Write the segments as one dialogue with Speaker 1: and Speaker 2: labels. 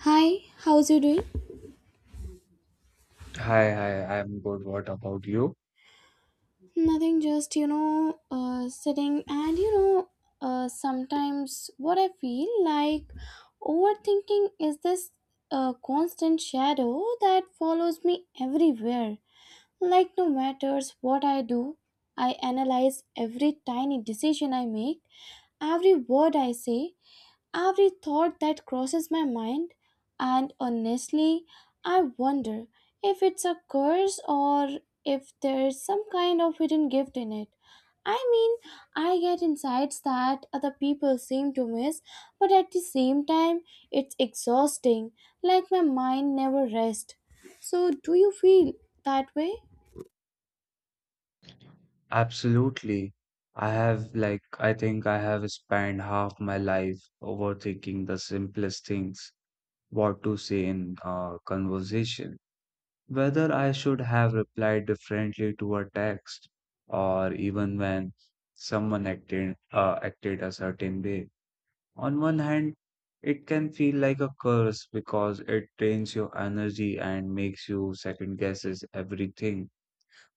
Speaker 1: Hi, how's you doing?
Speaker 2: Hi, I'm good. What about you?
Speaker 1: Nothing, just sitting and sometimes what I feel like overthinking is this constant shadow that follows me everywhere. Like, no matters what I do, I analyze every tiny decision I make, every word I say, every thought that crosses my mind, and honestly, I wonder if it's a curse or if there's some kind of hidden gift in it. I mean, I get insights that other people seem to miss, but at the same time, it's exhausting, like my mind never rests. So, do you feel that way?
Speaker 2: Absolutely. I have, like, I think I have spent half my life overthinking the simplest things, what to say in a conversation, whether I should have replied differently to a text, or even when acted a certain way. On one hand, it can feel like a curse because it drains your energy and makes you second guesses everything.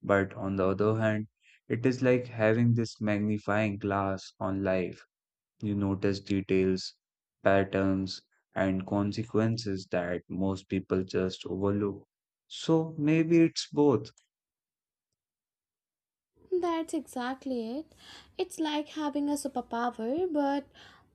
Speaker 2: But on the other hand, it is like having this magnifying glass on life. You notice details, patterns, and consequences that most people just overlook. So maybe it's both.
Speaker 1: That's exactly it. It's like having a superpower, but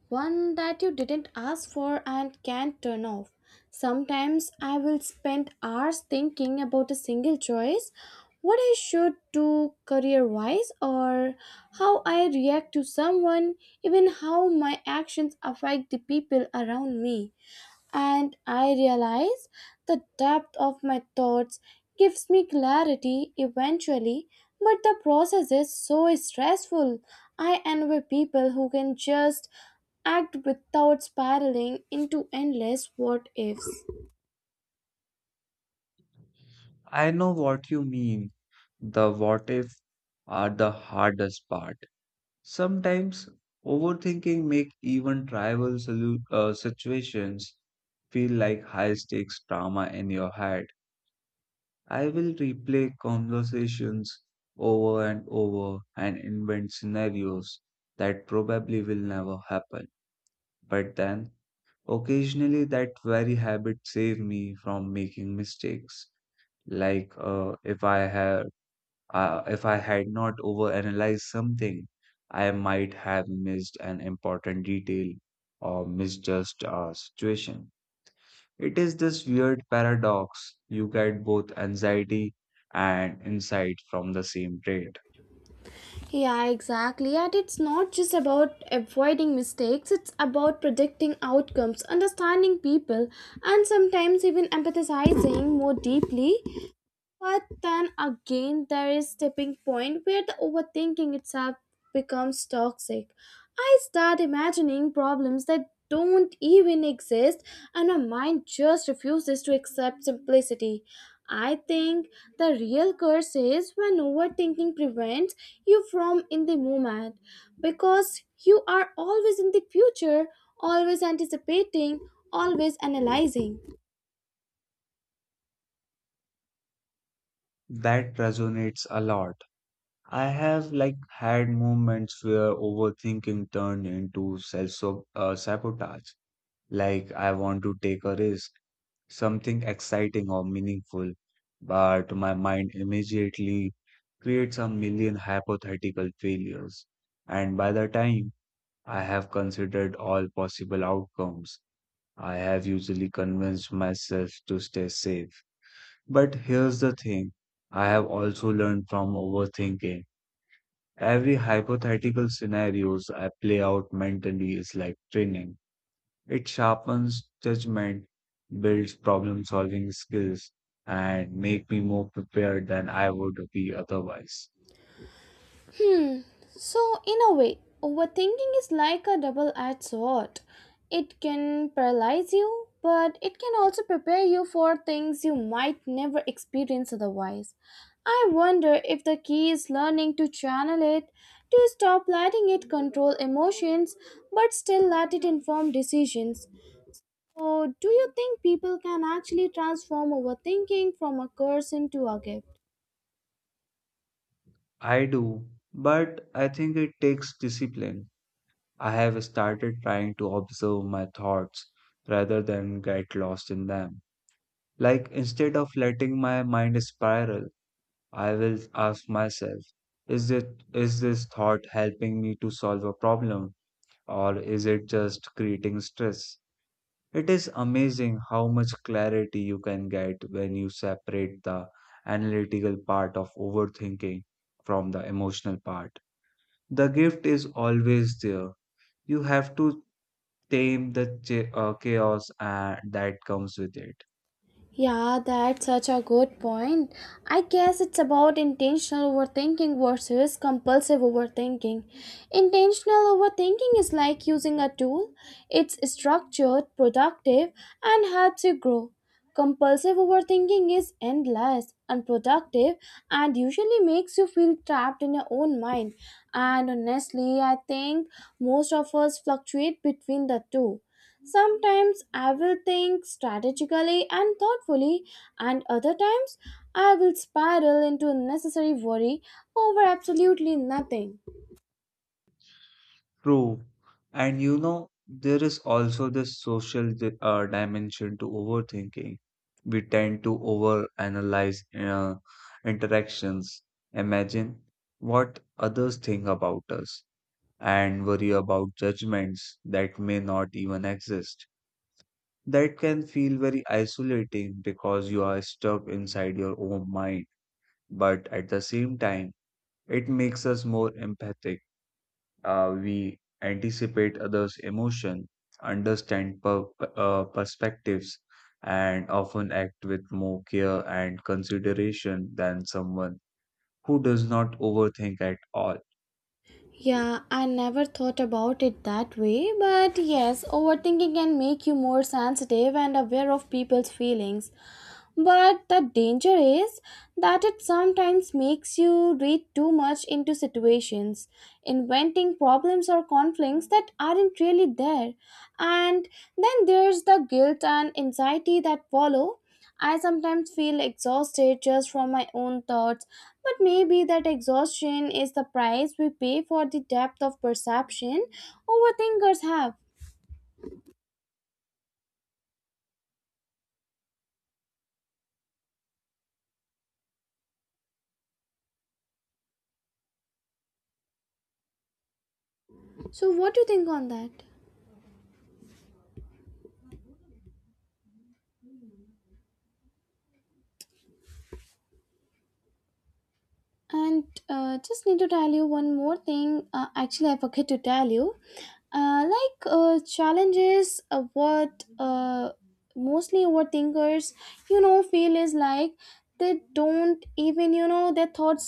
Speaker 1: one that you didn't ask for and can't turn off. Sometimes I will spend hours thinking about a single choice, what I should do career wise, or how I react to someone, even how my actions affect the people around me, and I realize the depth of my thoughts gives me clarity eventually, but the process is so stressful. I envy people who can just act without spiraling into endless what ifs.
Speaker 2: I know what you mean. The what if are the hardest part. Sometimes overthinking make even situations feel like high stakes drama in your head. I will replay conversations over and over and invent scenarios that probably will never happen. But then, occasionally, that very habit saved me from making mistakes. Like uh, if I had if I had not overanalyzed something, I might have missed an important detail or misjudged a situation. It is this weird paradox. You get both anxiety and insight from the same trait.
Speaker 1: Yeah, exactly. And it's not just about avoiding mistakes, it's about predicting outcomes, understanding people, and sometimes even empathizing more deeply. But then again, there is tipping point where the overthinking itself becomes toxic. I start imagining problems that don't even exist, and my mind just refuses to accept simplicity. I think the real curse is when overthinking prevents you from in the moment, because you are always in the future, always anticipating, always analyzing.
Speaker 2: That resonates a lot. I have like had moments where overthinking turned into self sabotage. Like, I want to take a risk, something exciting or meaningful, but my mind immediately creates a million hypothetical failures. And by the time I have considered all possible outcomes, I have usually convinced myself to stay safe. But here's the thing, I have also learned from overthinking. Every hypothetical scenarios I play out mentally is like training. It sharpens judgment, builds problem solving skills, and make me more prepared than I would be otherwise.
Speaker 1: Hmm. So, in a way, overthinking is like a double edged sword. It can paralyze you, but it can also prepare you for things you might never experience otherwise. I wonder if the key is learning to channel it, to stop letting it control emotions, but still let it inform decisions. So, do you think people can actually transform overthinking from a curse into a gift?
Speaker 2: I do, but I think it takes discipline. I have started trying to observe my thoughts rather than get lost in them. Like, instead of letting my mind spiral, I will ask myself, is this thought helping me to solve a problem, or is it just creating stress? It is amazing how much clarity you can get when you separate the analytical part of overthinking from the emotional part. The gift is always there. You have to tame chaos that comes with it.
Speaker 1: Yeah, that's such a good point. I guess it's about intentional overthinking versus compulsive overthinking. Intentional overthinking is like using a tool, it's structured, productive, and helps you grow. Compulsive overthinking is endless, unproductive, and usually makes you feel trapped in your own mind. And honestly, I think most of us fluctuate between the two. Sometimes I will think strategically and thoughtfully, and other times I will spiral into unnecessary worry over absolutely nothing.
Speaker 2: True. And there is also this dimension to overthinking. We tend to overanalyze interactions, imagine what others think about us, and worry about judgments that may not even exist. That can feel very isolating because you are stuck inside your own mind. But at the same time, it makes us more empathic. We anticipate others' emotion, understand perspectives, and often act with more care and consideration than someone who does not overthink at all.
Speaker 1: Yeah, I never thought about it that way, but yes, overthinking can make you more sensitive and aware of people's feelings. But the danger is that it sometimes makes you read too much into situations, inventing problems or conflicts that aren't really there. And then there's the guilt and anxiety that follow. I sometimes feel exhausted just from my own thoughts, but maybe that exhaustion is the price we pay for the depth of perception overthinkers have. So, what do you think on that? And just need to tell you one more thing. Actually, I forget to tell you. Like challenges, what mostly overthinkers, feel is like they don't even, their thoughts